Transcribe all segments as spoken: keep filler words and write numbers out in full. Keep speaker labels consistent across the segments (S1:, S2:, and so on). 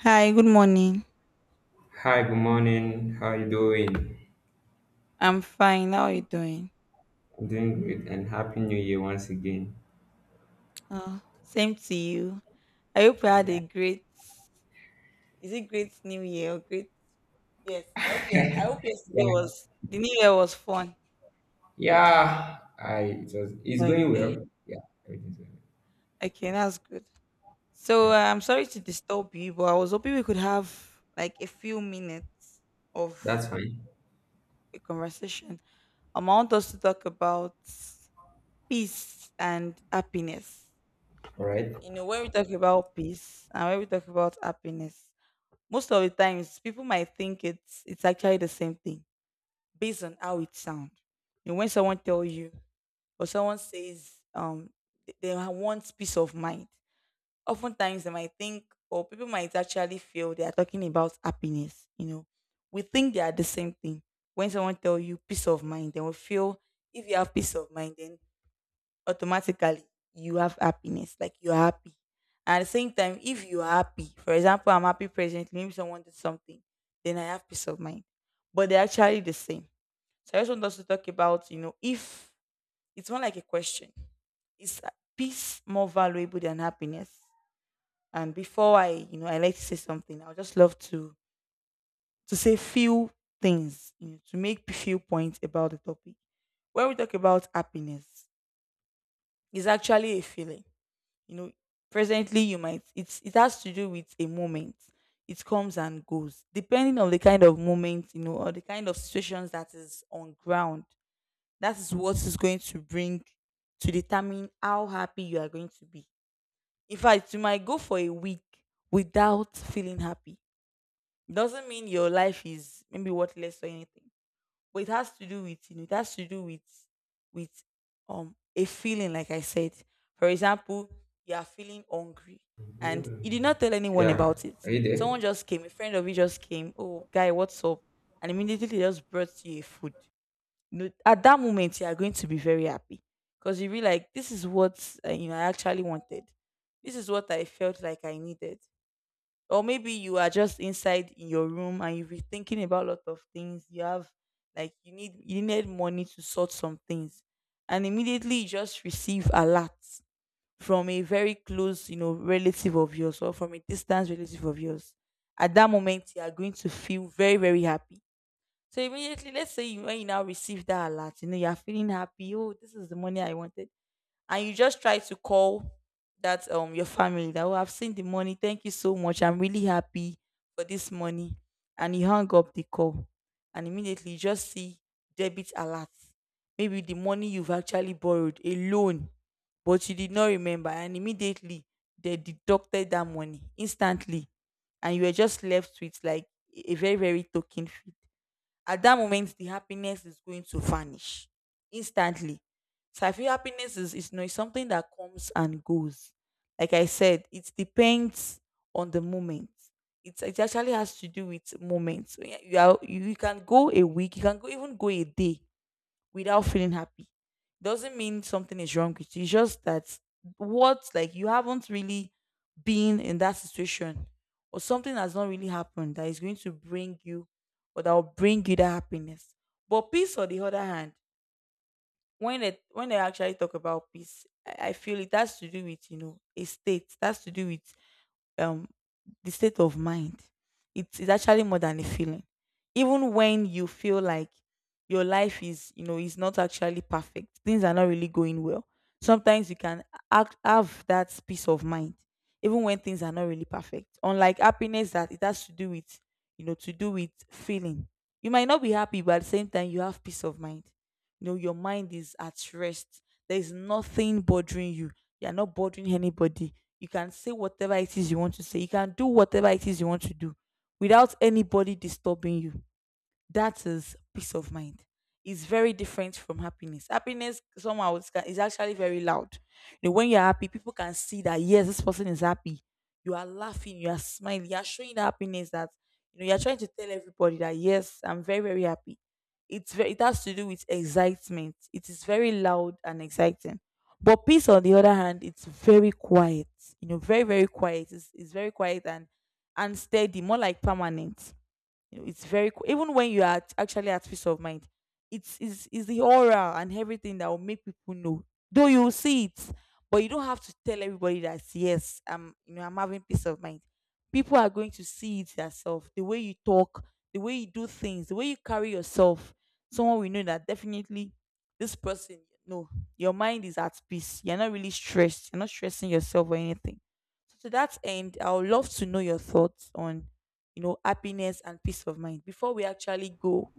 S1: Hi, good morning.
S2: Hi, good morning. How you doing?
S1: I'm fine. How are you doing?
S2: I'm doing great and happy new year once again.
S1: Oh, same to you. I hope you had
S2: Yeah.
S1: a great, is it great new year or great, yes, I hope, yeah, I hope yesterday
S2: Yeah.
S1: was, the new year was fun.
S2: Yeah. I it was it's going
S1: Okay.
S2: well. Yeah, everything's going
S1: Okay, that's good.
S2: well.
S1: So
S2: Yeah.
S1: uh, I'm sorry to disturb you, but I was hoping we could have like a few minutes of
S2: That's fine.
S1: a conversation. Um, I want us to talk about peace and happiness.
S2: All right.
S1: You know, when we talk about peace and when we talk about happiness, most of the times people might think it's it's actually the same thing based on how it sounds. You know, when someone tells you or someone says um th- they ha- want peace of mind, oftentimes they might think or people might actually feel they are talking about happiness. You know, we think they are the same thing. When someone tells you peace of mind, they will feel, if you have peace of mind, then automatically you have happiness. Like you're happy. And at the same time, if you're happy, for example, I'm happy presently, maybe someone did something, then I have peace of mind. But they're actually the same. So I just want us to talk about, you know, if it's more like a question. Is peace more valuable than happiness? And before I, you know, I like to say something, I would just love to to say few things, you know, to make few points about the topic. When we talk about happiness, it's actually a feeling. you know presently you might, it's, it has to do with a moment. It comes and goes depending on the kind of moment you know or the kind of situations that is on ground. That is what is going to bring, to determine how happy you are going to be. In fact, you might go for a week without feeling happy. Doesn't mean your life is maybe worthless or anything, but it has to do with, you know it has to do with, with um a feeling, like I said. For example, you are feeling hungry, and you did not tell anyone
S2: Yeah.
S1: about it.
S2: Are you there?
S1: Someone just came, a friend of you just came, oh, guy, what's up? And immediately, they just brought you a food. You know at that moment, you are going to be very happy, because you be like, this is what uh, you know I actually wanted. This is what I felt like I needed. Or maybe you are just inside in your room, and you've been thinking about a lot of things you have, like you need you need money to sort some things. And immediately, you just receive alert from a very close you know relative of yours, or from a distant relative of yours. At that moment, you are going to feel very, very happy. So immediately, let's say, you, when you now receive that alert, you know you are feeling happy, oh, this is the money I wanted. And you just try to call that um your family, that, oh, I've seen the money. Thank you so much. I'm really happy for this money. And he hung up the call. And immediately, you just see debit alert. Maybe the money you've actually borrowed, a loan, but you did not remember. And immediately, they deducted that money instantly. And you were just left with like a very, very token fee. At that moment, the happiness is going to vanish instantly. So I feel happiness is, is not something that comes and goes. Like I said, it depends on the moment. It's, it actually has to do with moments. When You, you, are, you you can go a week, you can go, even go a day without feeling happy. Doesn't mean something is wrong with you. It's just that, what, like, you haven't really been in that situation, or something has not really happened that is going to bring you, or that will bring you that happiness. But peace, on the other hand, when they when they actually talk about peace, I, I feel it has to do with, you know, a state. That's to do with um the state of mind. It is actually more than a feeling. Even when you feel like your life is, you know, is not actually perfect, things are not really going well. Sometimes you can act, have that peace of mind, even when things are not really perfect. Unlike happiness, that it has to do with, you know, to do with feeling. You might not be happy, but at the same time, you have peace of mind. You know your mind is at rest. There is nothing bothering you. You're not bothering anybody. You can say whatever it is you want to say, you can do whatever it is you want to do, without anybody disturbing you. That is peace of mind. It's very different from happiness. Happiness somehow is ca- is actually very loud. You know, when you're happy, people can see that, yes, this person is happy. You are laughing, you are smiling, you are showing the happiness, that you know you're trying to tell everybody that, yes, I'm very, very happy. It's very, it has to do with excitement. It is very loud and exciting. But peace, on the other hand, it's very quiet. You know, very, very quiet. It's, it's very quiet and and steady, more like permanent. You know it's very, co- even when you are, at- actually at peace of mind. It's is is the aura and everything that will make people know, though you will see it, but you don't have to tell everybody that, yes, I'm you know I'm having peace of mind. People are going to see it yourself, the way you talk, the way you do things, the way you carry yourself. Someone will know that definitely this person, no, your mind is at peace. You're not really stressed, you're not stressing yourself or anything. So, to that end, I would love to know your thoughts on, you know, happiness and peace of mind. Before we actually go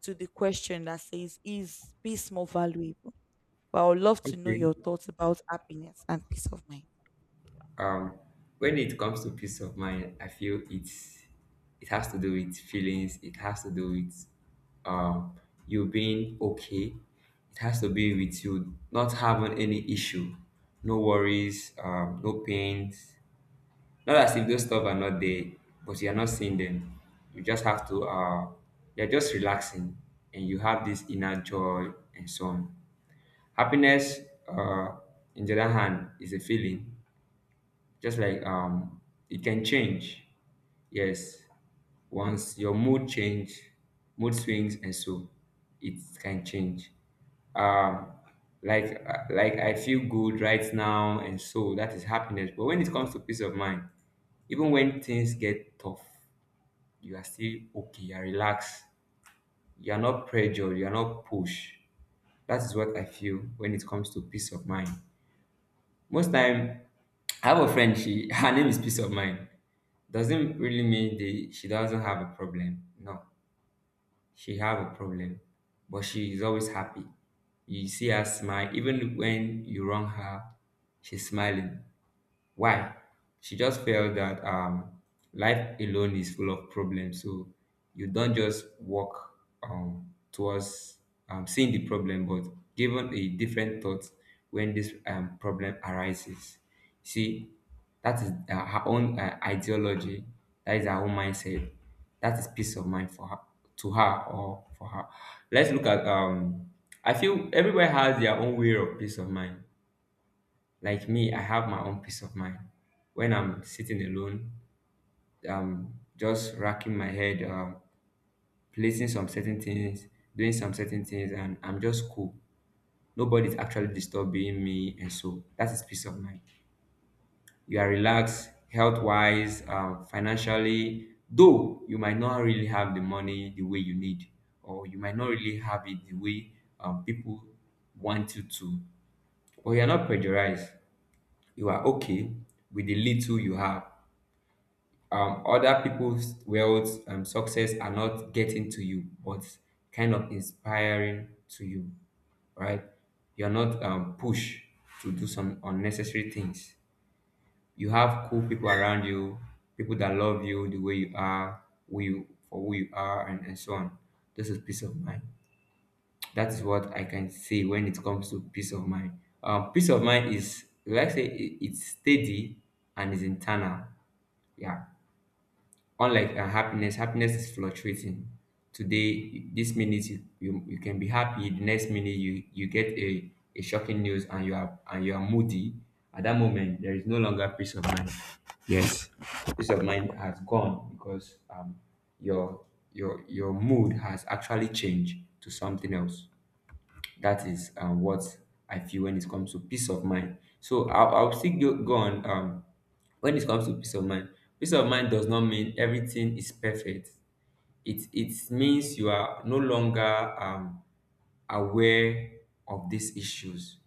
S1: to the question that says, is peace more valuable? But I would love to know
S2: Okay.
S1: your thoughts about happiness and peace of mind.
S2: um when it comes to peace of mind, I feel it's it has to do with feelings. It has to do with um you being okay. It has to be with you not having any issue, no worries, um no pains. Not as if those stuff are not there, but you're not seeing them. You just have to uh you're just relaxing, and you have this inner joy and so on. Happiness, uh in the other hand, is a feeling, just like, um it can change. Yes, once your mood change, mood swings and so it can change. um like uh, like I feel good right now, and so that is happiness. But when it comes to peace of mind, even when things get tough, you are still okay, you are relaxed, you are not pressured, you are not pushed. That is what I feel when it comes to peace of mind. Most time, I have a friend. She her name is Peace of Mind. Doesn't really mean the she doesn't have a problem. No, she have a problem, but she is always happy. You see her smile even when you wrong her. She's smiling. Why? She just felt that um life alone is full of problems, so you don't just walk um towards um seeing the problem, but given a different thought when this um problem arises. See, that is, uh, her own uh, ideology, that is her own mindset, that is peace of mind for her, to her or for her. Let's look at um I feel everybody has their own way of peace of mind. Like me, I have my own peace of mind. When I'm sitting alone, I'm just racking my head, um, placing some certain things, doing some certain things, and I'm just cool. Nobody's actually disturbing me, and so that is peace of mind. You are relaxed, health wise, um, financially, though you might not really have the money the way you need, or you might not really have it the way um, people want you to, but you are not pressurized. You are okay with the little you have. Um, other people's wealth, um, success are not getting to you, but kind of inspiring to you, right? You're not um, pushed to do some unnecessary things. You have cool people around you, people that love you the way you are, who you for who you are, and, and so on. This is peace of mind. That is what I can say when it comes to peace of mind. Um, peace of mind is, like I say it, it's steady and is internal. Yeah. Unlike uh, happiness, happiness is fluctuating. Today, this minute you, you, you can be happy. The next minute you you get a, a shocking news, and you are and you are moody. At that moment, there is no longer peace of mind. Yes, peace of mind has gone because um your your your mood has actually changed to something else. That is um, what I feel when it comes to peace of mind. So I'll, I'll still go, go on, um, when it comes to peace of mind. Peace of mind does not mean everything is perfect. It it means you are no longer um, aware of these issues.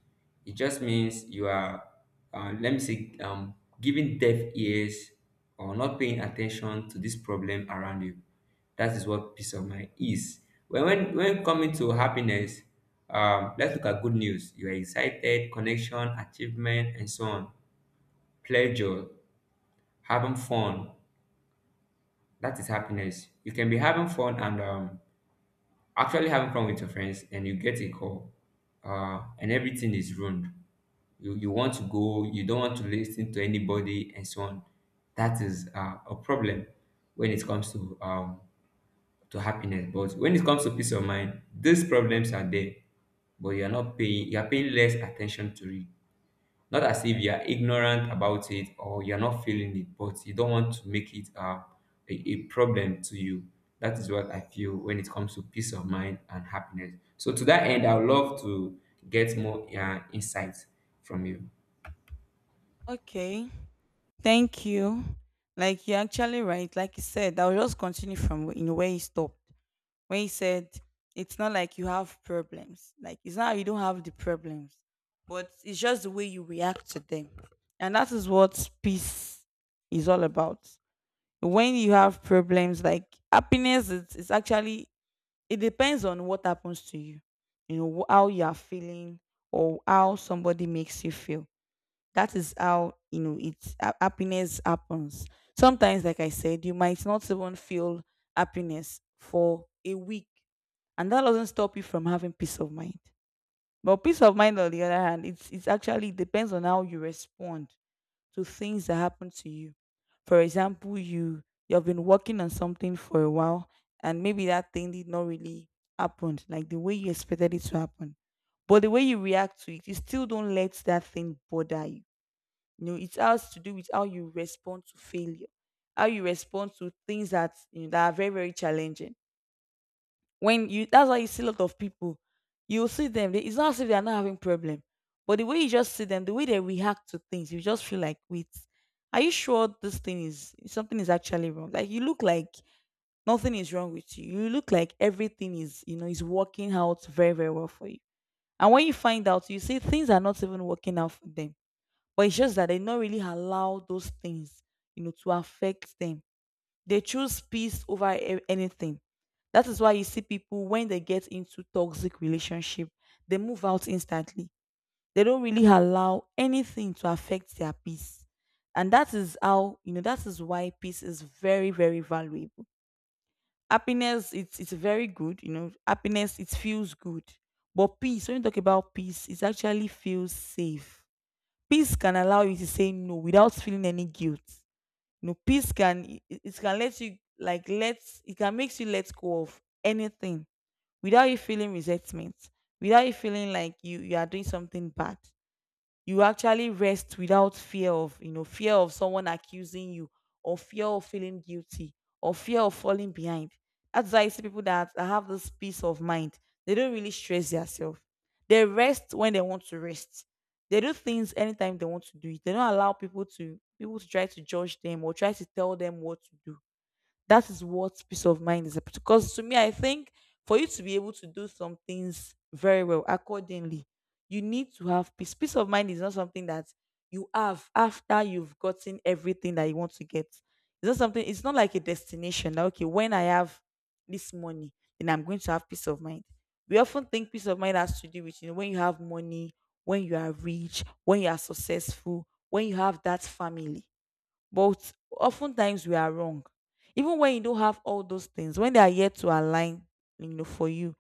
S2: It just means you are, uh, let me say, um, giving deaf ears or not paying attention to this problem around you. That is what peace of mind is. When when, when coming to happiness, um, let's look at good news. You are excited, connection, achievement and so on, pleasure, having fun. That is happiness. You can be having fun and, um, actually having fun with your friends, and you get a call, uh, and everything is ruined. You, you want to go, you don't want to listen to anybody and so on. That is, uh, a problem when it comes to, um, to happiness. But when it comes to peace of mind, these problems are there, but you're not paying you're paying less attention to it. Not as if you're ignorant about it or you're not feeling it, but you don't want to make it, uh, a, a problem to you. That is what I feel when it comes to peace of mind and happiness. So to that end, I would love to get more uh, insights from you.
S1: Okay, thank you. Like you're actually right. Like you said, I'll just continue from in where you stopped. When you said, it's not like you have problems. Like, it's not like you don't have the problems, but it's just the way you react to them, and that is what peace is all about. When you have problems, like happiness, it's, it's actually, it depends on what happens to you. You know wh- how you are feeling, or how somebody makes you feel, that is how you know it's ha- happiness happens. Sometimes, like I said, you might not even feel happiness for a week, and that doesn't stop you from having peace of mind. But peace of mind, on the other hand, it's it's actually depends on how you respond to things that happen to you. For example, you you've been working on something for a while, and maybe that thing did not really happen like the way you expected it to happen. But the way you react to it, you still don't let that thing bother you. You know, it has to do with how you respond to failure, how you respond to things that you know that are very, very challenging. When you, that's why you see a lot of people. You see them. They, it's not as if they are not having problem. But the way you just see them, the way they react to things, you just feel like, wait, are you sure this thing is, something is actually wrong? Like, you look like nothing is wrong with you. You look like everything is, you know, is working out very, very well for you. And when you find out, you see things are not even working out for them. But it's just that they not really allow those things, you know, to affect them. They choose peace over e- anything. That is why you see people, when they get into toxic relationship, they move out instantly. They don't really allow anything to affect their peace. And that is how, you know, that is why peace is very, very valuable. Happiness, it's it's very good, you know. Happiness, it feels good. But peace, when you talk about peace, it actually feels safe. Peace can allow you to say no without feeling any guilt. You know, peace can it, it can let you like let it can makes you let go of anything without you feeling resentment, without you feeling like you you are doing something bad. You actually rest without fear of, you know, fear of someone accusing you or fear of feeling guilty or fear of falling behind. That's why I see people that, that have this peace of mind. They don't really stress themselves. They rest when they want to rest. They do things anytime they want to do it. They don't allow people to people to try to judge them or try to tell them what to do. That is what peace of mind is. Because to me, I think for you to be able to do some things very well accordingly, you need to have peace. Peace of mind is not something that you have after you've gotten everything that you want to get. It's not something, it's not like a destination. That, okay, when I have this money, then I'm going to have peace of mind. We often think peace of mind has to do with, you know, when you have money, when you are rich, when you are successful, when you have that family. But oftentimes we are wrong. Even when you don't have all those things, when they are yet to align, you know, for you,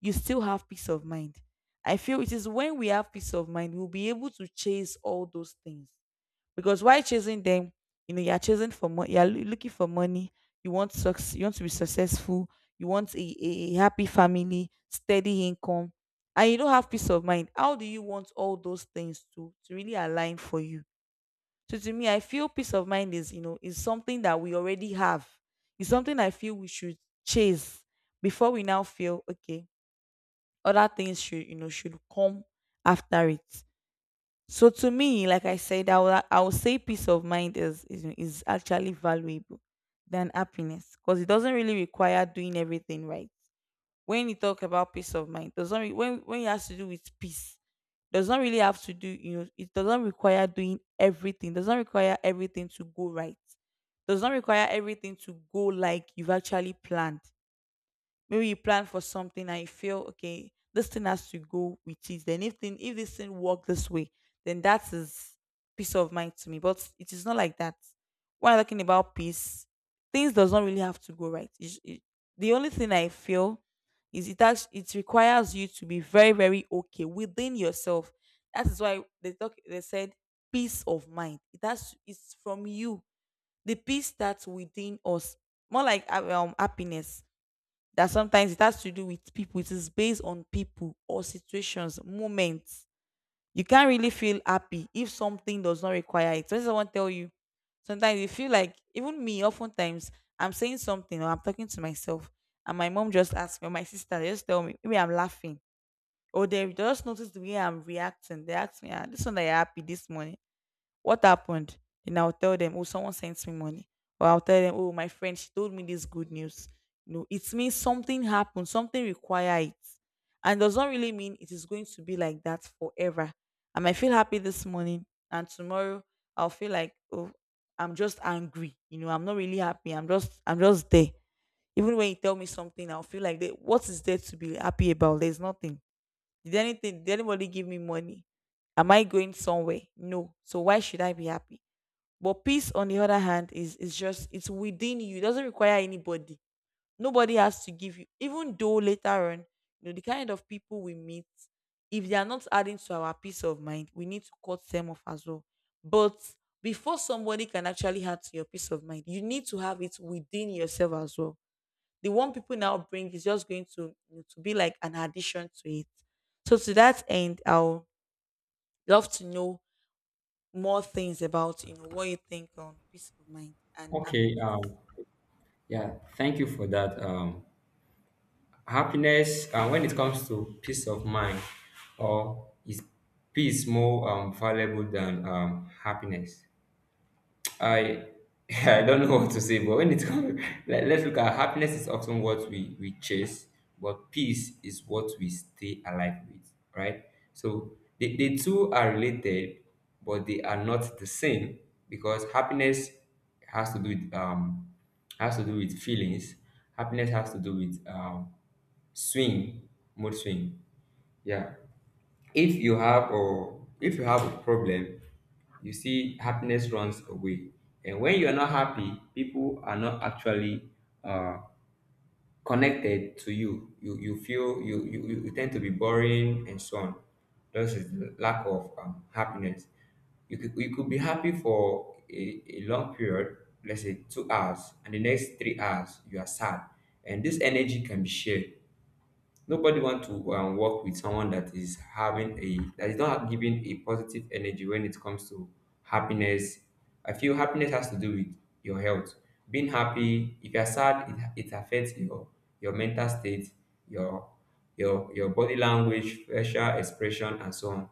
S1: you still have peace of mind. I feel it is when we have peace of mind, we'll be able to chase all those things. Because while chasing them, you know, you're chasing for money, you're loo- looking for money, you want success, you want to be successful, you want a, a a happy family, steady income, and you don't have peace of mind. How do you want all those things to, to really align for you? So to me, I feel peace of mind is, you know, is something that we already have. It's something I feel we should chase before we now feel okay. Other things should, you know, should come after it. So to me, like I said, I will, I will say peace of mind is is, is actually valuable than happiness because it doesn't really require doing everything right. When you talk about peace of mind, doesn't re- when when it has to do with peace does not really have to do, you know, it doesn't require doing everything, does not require everything to go right, does not require everything to go like you've actually planned. Maybe you plan for something and you feel okay, this thing has to go with it. Then if thing if this thing work this way, then that is peace of mind to me. But it is not like that. When I'm talking about peace, things does not really have to go right. It it- the only thing I feel is it actu- it requires you to be very very okay within yourself. That is why they talk. They said peace of mind. It has it's from you. The peace that's within us, more like uh, um happiness, that sometimes it has to do with people. It is based on people or situations, moments. You can't really feel happy if something does not require it. So this is what I tell you. Sometimes you feel like even me, oftentimes I'm saying something or I'm talking to myself, and my mom just asks me, or my sister they just tell me, maybe I'm laughing. Or they just notice the way I'm reacting. They ask me, ah, this one that you're happy this morning. What happened? Then I'll tell them, oh, someone sent me money. Or I'll tell them, oh, my friend, she told me this good news. No, it means something happened, something require it. And does not really mean it is going to be like that forever. I might feel happy this morning and tomorrow I'll feel like, oh, I'm just angry. You know, I'm not really happy. I'm just I'm just there. Even when you tell me something, I'll feel like "There- what is there to be happy about? There's nothing. Did anything did anybody give me money? Am I going somewhere? No. So why should I be happy? But peace, on the other hand, is is just it's within you. It doesn't require anybody. Nobody has to give you. Even though later on, you know, the kind of people we meet, if they are not adding to our peace of mind, we need to cut them off as well. But before somebody can actually add to your peace of mind, you need to have it within yourself as well. The one people now bring is just going to, you know, to be like an addition to it. So to that end, I'll love to know more things about, you know, what you think on peace of mind and
S2: Okay.
S1: happiness.
S2: um yeah, thank you for that. Um happiness, uh, when it comes to peace of mind, or is peace more, um, valuable than, um, happiness? I I don't know what to say, but when it comes, let, let's look at, happiness is often what we we chase, but peace is what we stay alive with, right? So the, the two are related, but they are not the same, because happiness has to do with, um has to do with feelings. Happiness has to do with, um swing, mood swing. Yeah. if you have or if you have a problem, you see happiness runs away. And when you are not happy, people are not actually, uh, connected to you. You you feel you you, you tend to be boring and so on. This is the lack of, um, happiness. You could, you could be happy for a, a long period, let's say two hours, and the next three hours you are sad. And this energy can be shared. Nobody want to, um, work with someone that is having a that is not giving a positive energy when it comes to happiness. I feel happiness has to do with your health. Being happy, if you're sad, it, it affects your your mental state, your, your your body language, facial expression and so on.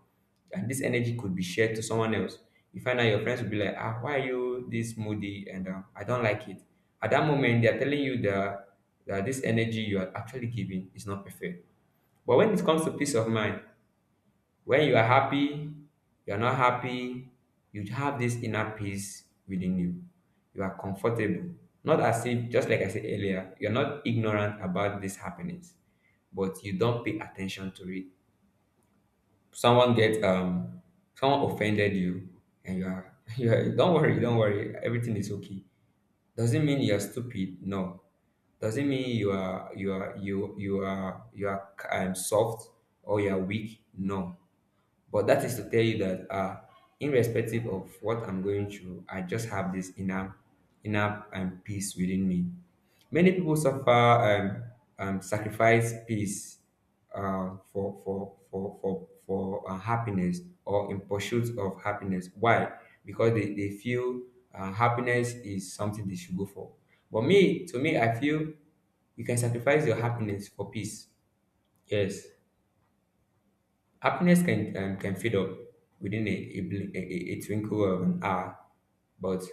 S2: And this energy could be shared to someone else. You find out your friends will be like, ah, why are you this moody? And, uh, I don't like it. At that moment, they are telling you the that this energy you are actually giving is not perfect. But when it comes to peace of mind, when you are happy, you are not happy, you have this inner peace within you. You are comfortable. Not as if, just like I said earlier, you're not ignorant about these happenings, but you don't pay attention to it. Someone get um someone offended you, and you are you are, don't worry, don't worry, everything is okay. Doesn't mean you're stupid. No. Doesn't mean you are you are you you are you are, um, soft, or you are weak. No. But that is to tell you that, uh irrespective of what I'm going through, I just have this inner, inner um, peace within me. Many people suffer um, um sacrifice peace, um for for for for for uh, happiness, or in pursuit of happiness. Why? Because they, they feel, uh, happiness is something they should go for. But me, to me, I feel you can sacrifice your happiness for peace. Yes. Happiness can, um, can fade up within a, a, bl- a, a a twinkle of an eye. But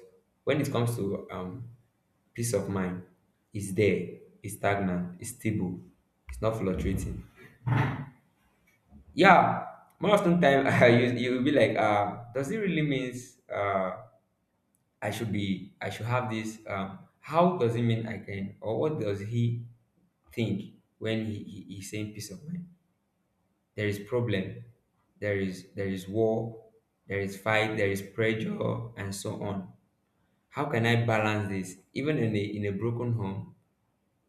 S2: when it comes to, um, peace of mind, it's there, it's stagnant, it's stable, it's not fluctuating. Yeah, more often time you you will be like, uh, does it really means, uh, I should be I should have this? Um, how does it mean I can, or what does he think when he, he he's saying peace of mind? There is problem, there is there is war, there is fight, there is pressure and so on. How can I balance this, even in a in a broken home?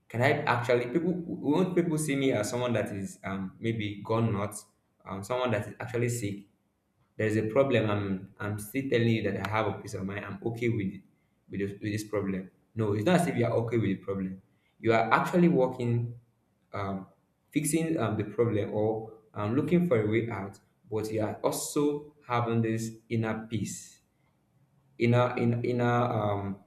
S2: Can I actually, people won't people see me as someone that is, um maybe gone nuts, um someone that is actually sick? There is a problem. I'm I'm still telling you that I have a peace of mind. I'm okay with it, with this, with this problem. No, it's not as if you are okay with the problem. You are actually working, um, fixing um, the problem, or um, looking for a way out, but you are also having this inner peace, inner in inner, um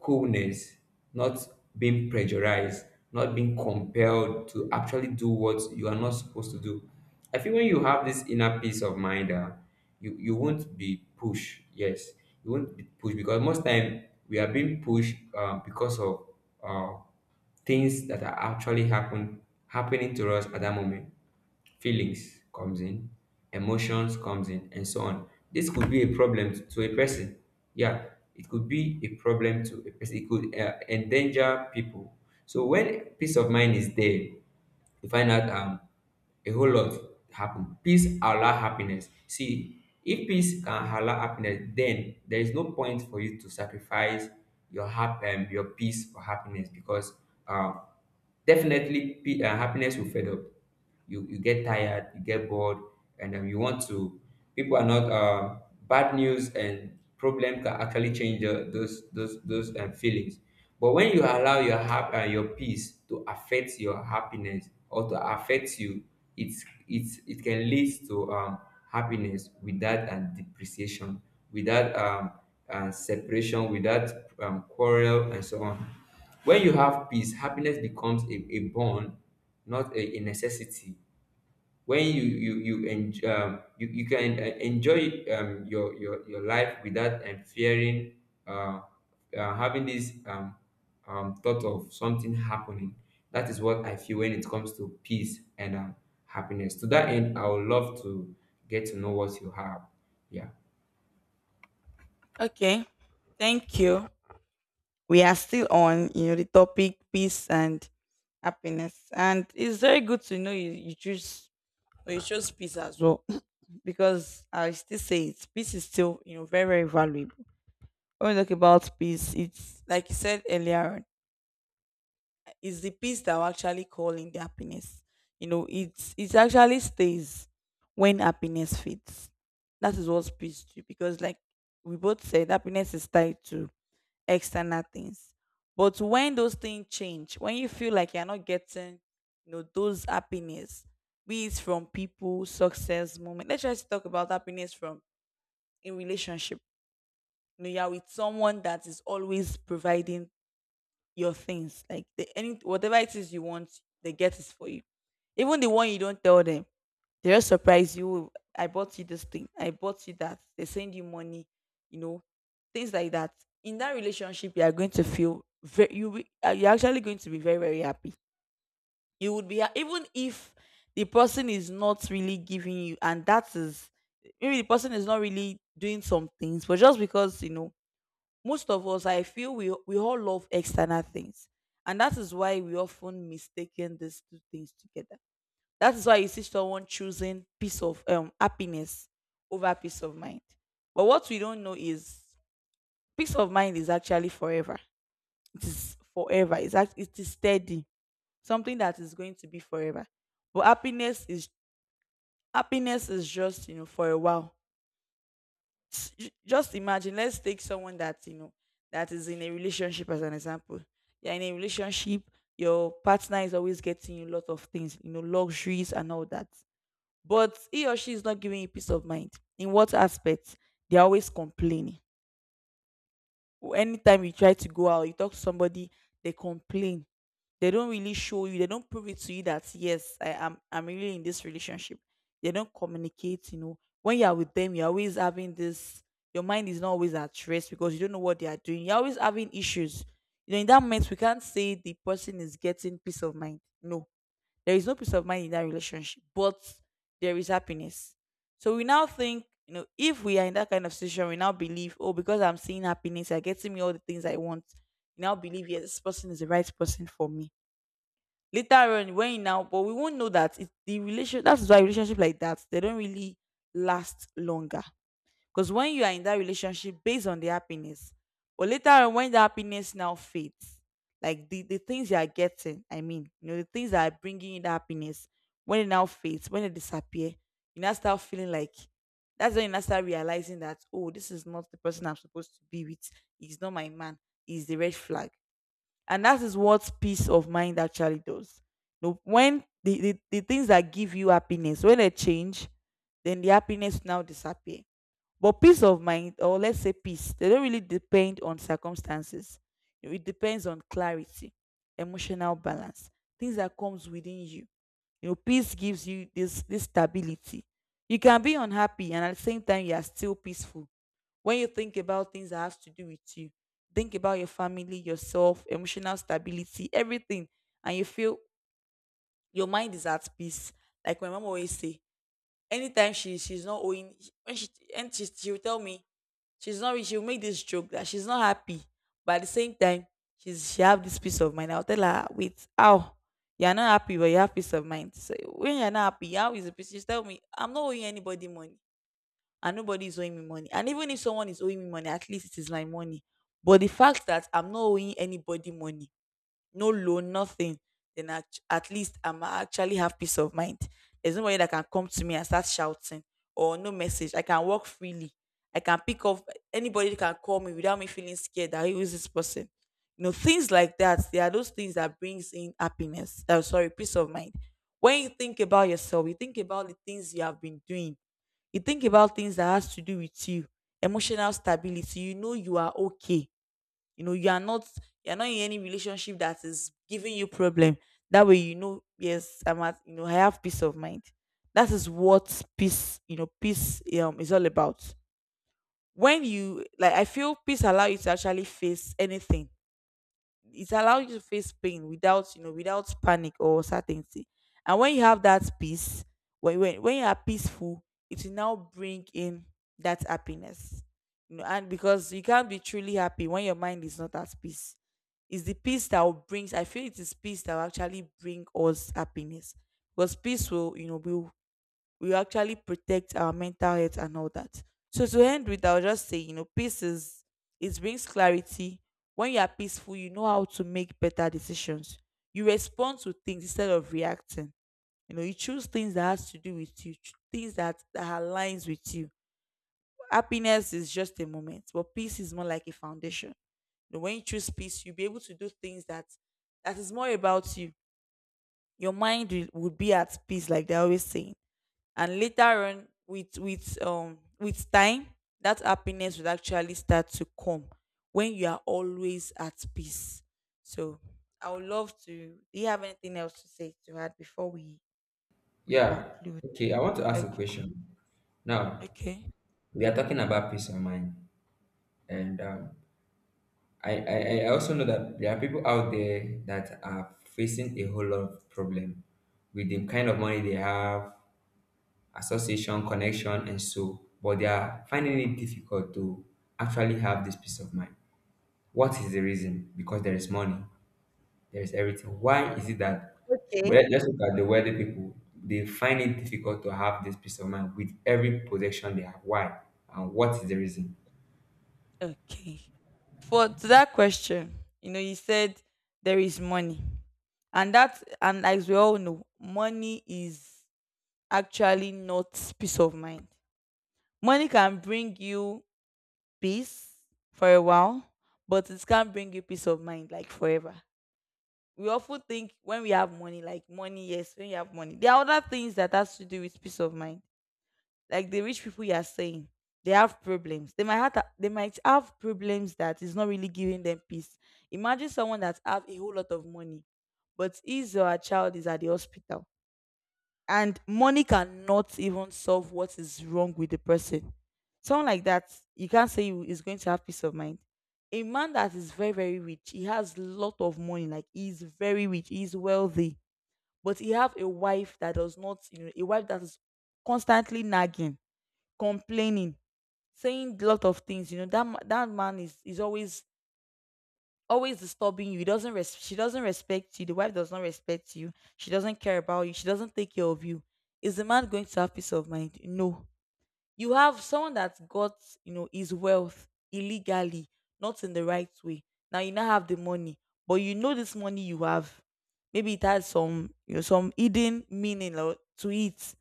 S2: coolness, not being pressurized, not being compelled to actually do what you are not supposed to do. I feel when you have this inner peace of mind, uh, you you won't be pushed. Yes, you won't be pushed, because most time we are being pushed, uh, because of, uh, things that are actually happen happening to us at that moment. Feelings comes in, emotions comes in and so on. This could be a problem, t- to a person. Yeah, it could be a problem to a person, it could, uh, endanger people. So when peace of mind is there, you find out, um a whole lot happen. Peace allow happiness. See, if peace can allow happiness, then there is no point for you to sacrifice your, hap- um, your peace for happiness, because, um definitely, pe- uh, happiness will fade up. You you get tired, you get bored, and, um, you want to, people are not. Uh, bad news and problem can actually change, uh, those those those, um, feelings. But when you allow your, hap- uh, your peace to affect your happiness, or to affect you, it's it's it can lead to, um, happiness without and depreciation, without, um, uh, separation, without, um, quarrel and so on. When you have peace, happiness becomes a, a bond, not a, a necessity. When you you you enjoy, um, you you can, uh, enjoy, um, your, your your life without and fearing, uh, uh, having this, um, um, thought of something happening. That is what I feel when it comes to peace and, um, happiness. To that end, I would love to get to know what you have. Yeah.
S1: Okay. Thank you. We are still on, you know, the topic peace and happiness. And it's very good to know you, you choose you chose peace as well. Because I still say it, peace is still, you know, very, very valuable. When we talk about peace, it's like you said earlier on, it's the peace that we're actually calling the happiness. You know, it's it actually stays when happiness fades. That is what peace do because like we both said, happiness is tied to external things. But when those things change, when you feel like you're not getting, you know, those happiness, be it from people, success, moment. Let's just talk about happiness from in relationship. You know, you're with someone that is always providing your things. Like the, any whatever it is you want, they get it for you. Even the one you don't tell them, they just surprise you. "Oh, I bought you this thing. I bought you that. They send you money. You know, things like that. In that relationship, you are going to feel very. You will- uh, you're actually going to be very very happy. You would be ha- even if the person is not really giving you, and that is maybe the person is not really doing some things, but just because, you know, most of us I feel we we all love external things. And that is why we often mistaken these two things together. That is why you see someone choosing peace of um happiness over peace of mind. But what we don't know is peace of mind is actually forever. It is forever, it's act- it is steady, something that is going to be forever. But happiness is happiness is just, you know, for a while. S- j- just imagine, let's take someone that, you know, that is in a relationship as an example. You're in a relationship, your partner is always getting you a lot of things, you know, luxuries and all that. But he or she is not giving you peace of mind. In what aspect? They're always complaining. Anytime you try to go out, you talk to somebody, they complain. They don't really show you, they don't prove it to you that yes, I am I'm really in this relationship. They don't communicate, you know. When you are with them, you're always having this, your mind is not always at rest because you don't know what they are doing. You're always having issues. You know, in that moment we can't say the person is getting peace of mind. No, there is no peace of mind in that relationship, but there is happiness. So we now think, you know, if we are in that kind of situation, we now believe, oh, because I'm seeing happiness, you're getting me all the things I want. You now believe, yes, this person is the right person for me. Later on, when you now, but we won't know that it's the relationship. That's why relationship like that they don't really last longer. Because when you are in that relationship based on the happiness, but later on when the happiness now fades, like the, the things you are getting, I mean, you know, the things that are bringing you the happiness, when it now fades, when it disappear, you now start feeling like, that's when you now start realizing that, oh, this is not the person I'm supposed to be with. He's not my man. He's the red flag. And that is what peace of mind actually does. You when the, the, the things that give you happiness, when they change, then the happiness now disappear. But peace of mind, or let's say peace, they don't really depend on circumstances. You know, it depends on clarity, emotional balance, things that comes within you. You know, peace gives you this this stability. You can be unhappy and at the same time you are still peaceful. When you think about things that has to do with you, think about your family, yourself, emotional stability, everything, and you feel your mind is at peace. Like my mom always say, anytime she she's not owing, when she and she she will tell me she's not rich. She'll make this joke that she's not happy but at the same time she's she have this peace of mind. I'll tell her, wait, how? You're not happy but you have peace of mind? So when you're not happy, how is the peace? She's tell me, I'm not owing anybody money and nobody is owing me money. And even if someone is owing me money, at least it is my money. But the fact that I'm not owing anybody money, no loan, nothing, then act- at least I'm actually have peace of mind. There's nobody that can come to me and start shouting or no message. I can walk freely. I can pick up anybody that can call me without me feeling scared that who is this person. You know, things like that. They are those things that brings in happiness. Oh, sorry, peace of mind. When you think about yourself, you think about the things you have been doing. You think about things that has to do with you, emotional stability. You know you are okay, you know you are not, you're not in any relationship that is giving you problem. That way you know, yes, I'm at you know I have peace of mind. That is what peace, you know peace um is all about. When you like I feel peace allow you to actually face anything. It allows you to face pain without, you know without panic or certainty. And when you have that peace, when when, when you are peaceful, it will now bring in that happiness, you know. And because you can't be truly happy when your mind is not at peace, it's the peace that will brings, I feel it is peace that will actually bring us happiness. Because peace will, you know will, we actually protect our mental health and all that. So to end with, I'll just say, you know, peace is, it brings clarity. When you are peaceful, you know how to make better decisions. You respond to things instead of reacting. You know, you choose things that has to do with you, ch- things that, that aligns with you. Happiness is just a moment, but peace is more like a foundation. You know, when you choose peace, you'll be able to do things that that is more about you. Your mind will, would be at peace, like they're always saying. And later on, with with um with time, that happiness will actually start to come when you are always at peace. So I would love to, do you have anything else to say, to add before we we
S2: Yeah.
S1: conclude?
S2: Okay, I want to ask a
S1: Okay.
S2: question. Now,
S1: Okay.
S2: we are talking about peace of mind, and, um, I, I, I also know that there are people out there that are facing a whole lot of problem with the kind of money they have, association, connection, and so, but they are finding it difficult to actually have this peace of mind. What is the reason? Because there is money, there is everything. Why is it that,
S1: Okay.
S2: well, let's look at the wealthy people, they find it difficult to have this peace of mind with every possession they have. Why? And what is the reason?
S1: Okay, for to that question, you know, you said there is money. And that, and as we all know, money is actually not peace of mind. Money can bring you peace for a while, but it can't bring you peace of mind like forever. We often think when we have money, like money, yes, when you have money. There are other things that has to do with peace of mind. Like the rich people you are saying, they have problems. They might have they might have problems that is not really giving them peace. Imagine someone that have a whole lot of money, but his or her child is at the hospital and money cannot even solve what is wrong with the person. Someone like that, you can't say you is going to have peace of mind. A man that is very very rich, he has lot of money, like he's very rich, he's wealthy, but he have a wife that does not, you know, a wife that is constantly nagging, complaining, saying lot of things. You know that ma- that man is is always always disturbing you. He doesn't res- she doesn't respect you. The wife does not respect you. She doesn't care about you. She doesn't take care of you. Is the man going to have peace of mind? No. You have someone that's got, you know, his wealth illegally, not in the right way. Now you now have the money, but you know this money you have. Maybe it has some, you know, some hidden meaning or to it.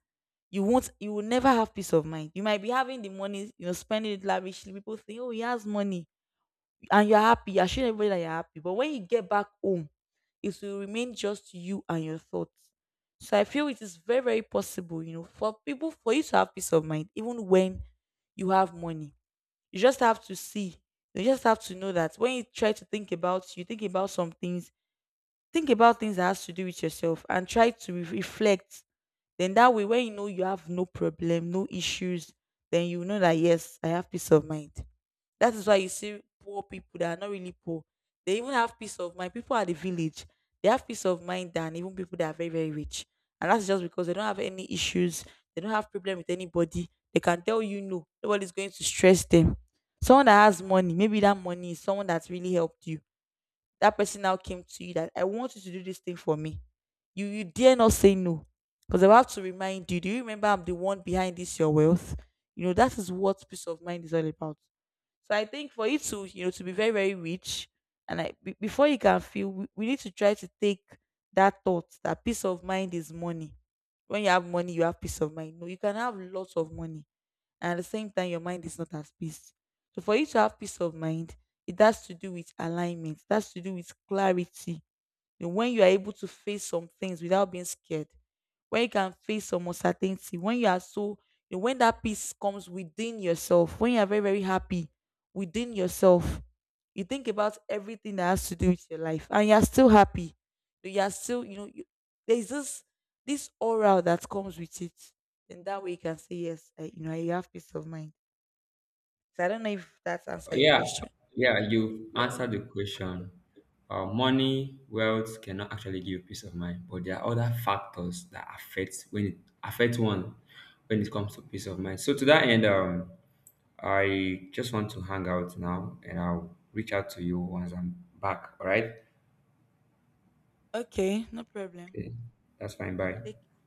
S1: You won't, you will never have peace of mind. You might be having the money, you know, spending it lavishly. People think, oh, he has money and you're happy, you're showing everybody that you're happy. But when you get back home, it will remain just you and your thoughts. So I feel it is very, very possible, you know, for people, for you to have peace of mind, even when you have money. You just have to see. You just have to know that when you try to think about, you think about some things, think about things that has to do with yourself and try to re- reflect. Then that way, when you know you have no problem, no issues, then you know that yes, I have peace of mind. That is why you see poor people that are not really poor. They even have peace of mind. People at the village, they have peace of mind than even people that are very, very rich. And that's just because they don't have any issues. They don't have problem with anybody. They can tell you no. Nobody's going to stress them. Someone that has money, maybe that money is someone that's really helped you. That person now came to you that I want you to do this thing for me. You you dare not say no. Because I have to remind you, do you remember I'm the one behind this your wealth? You know, that is what peace of mind is all about. So I think for you to, you know, to be very, very rich, and I, be- before you can feel, we, we need to try to take that thought that peace of mind is money. When you have money, you have peace of mind. No, you can have lots of money, and at the same time, your mind is not at peace. So for you to have peace of mind, it has to do with alignment. It has to do with clarity. You know, when you are able to face some things without being scared, when you can face some uncertainty, when you are so, you know, when that peace comes within yourself, when you are very, very happy within yourself, you think about everything that has to do with your life and you are still happy. You are still, you know, you, there's this this aura that comes with it. Then that way you can say, yes, I, you know, you have peace of mind. So I don't know if that answer your
S2: Yeah,
S1: question.
S2: yeah, you answered the question. Uh, money, wealth cannot actually give peace of mind, but there are other factors that affect, when it affect one when it comes to peace of mind. So to that end, um, I just want to hang out now, and I'll reach out to you once I'm back. All right?
S1: Okay, no problem.
S2: Okay, that's fine. Bye.
S1: Take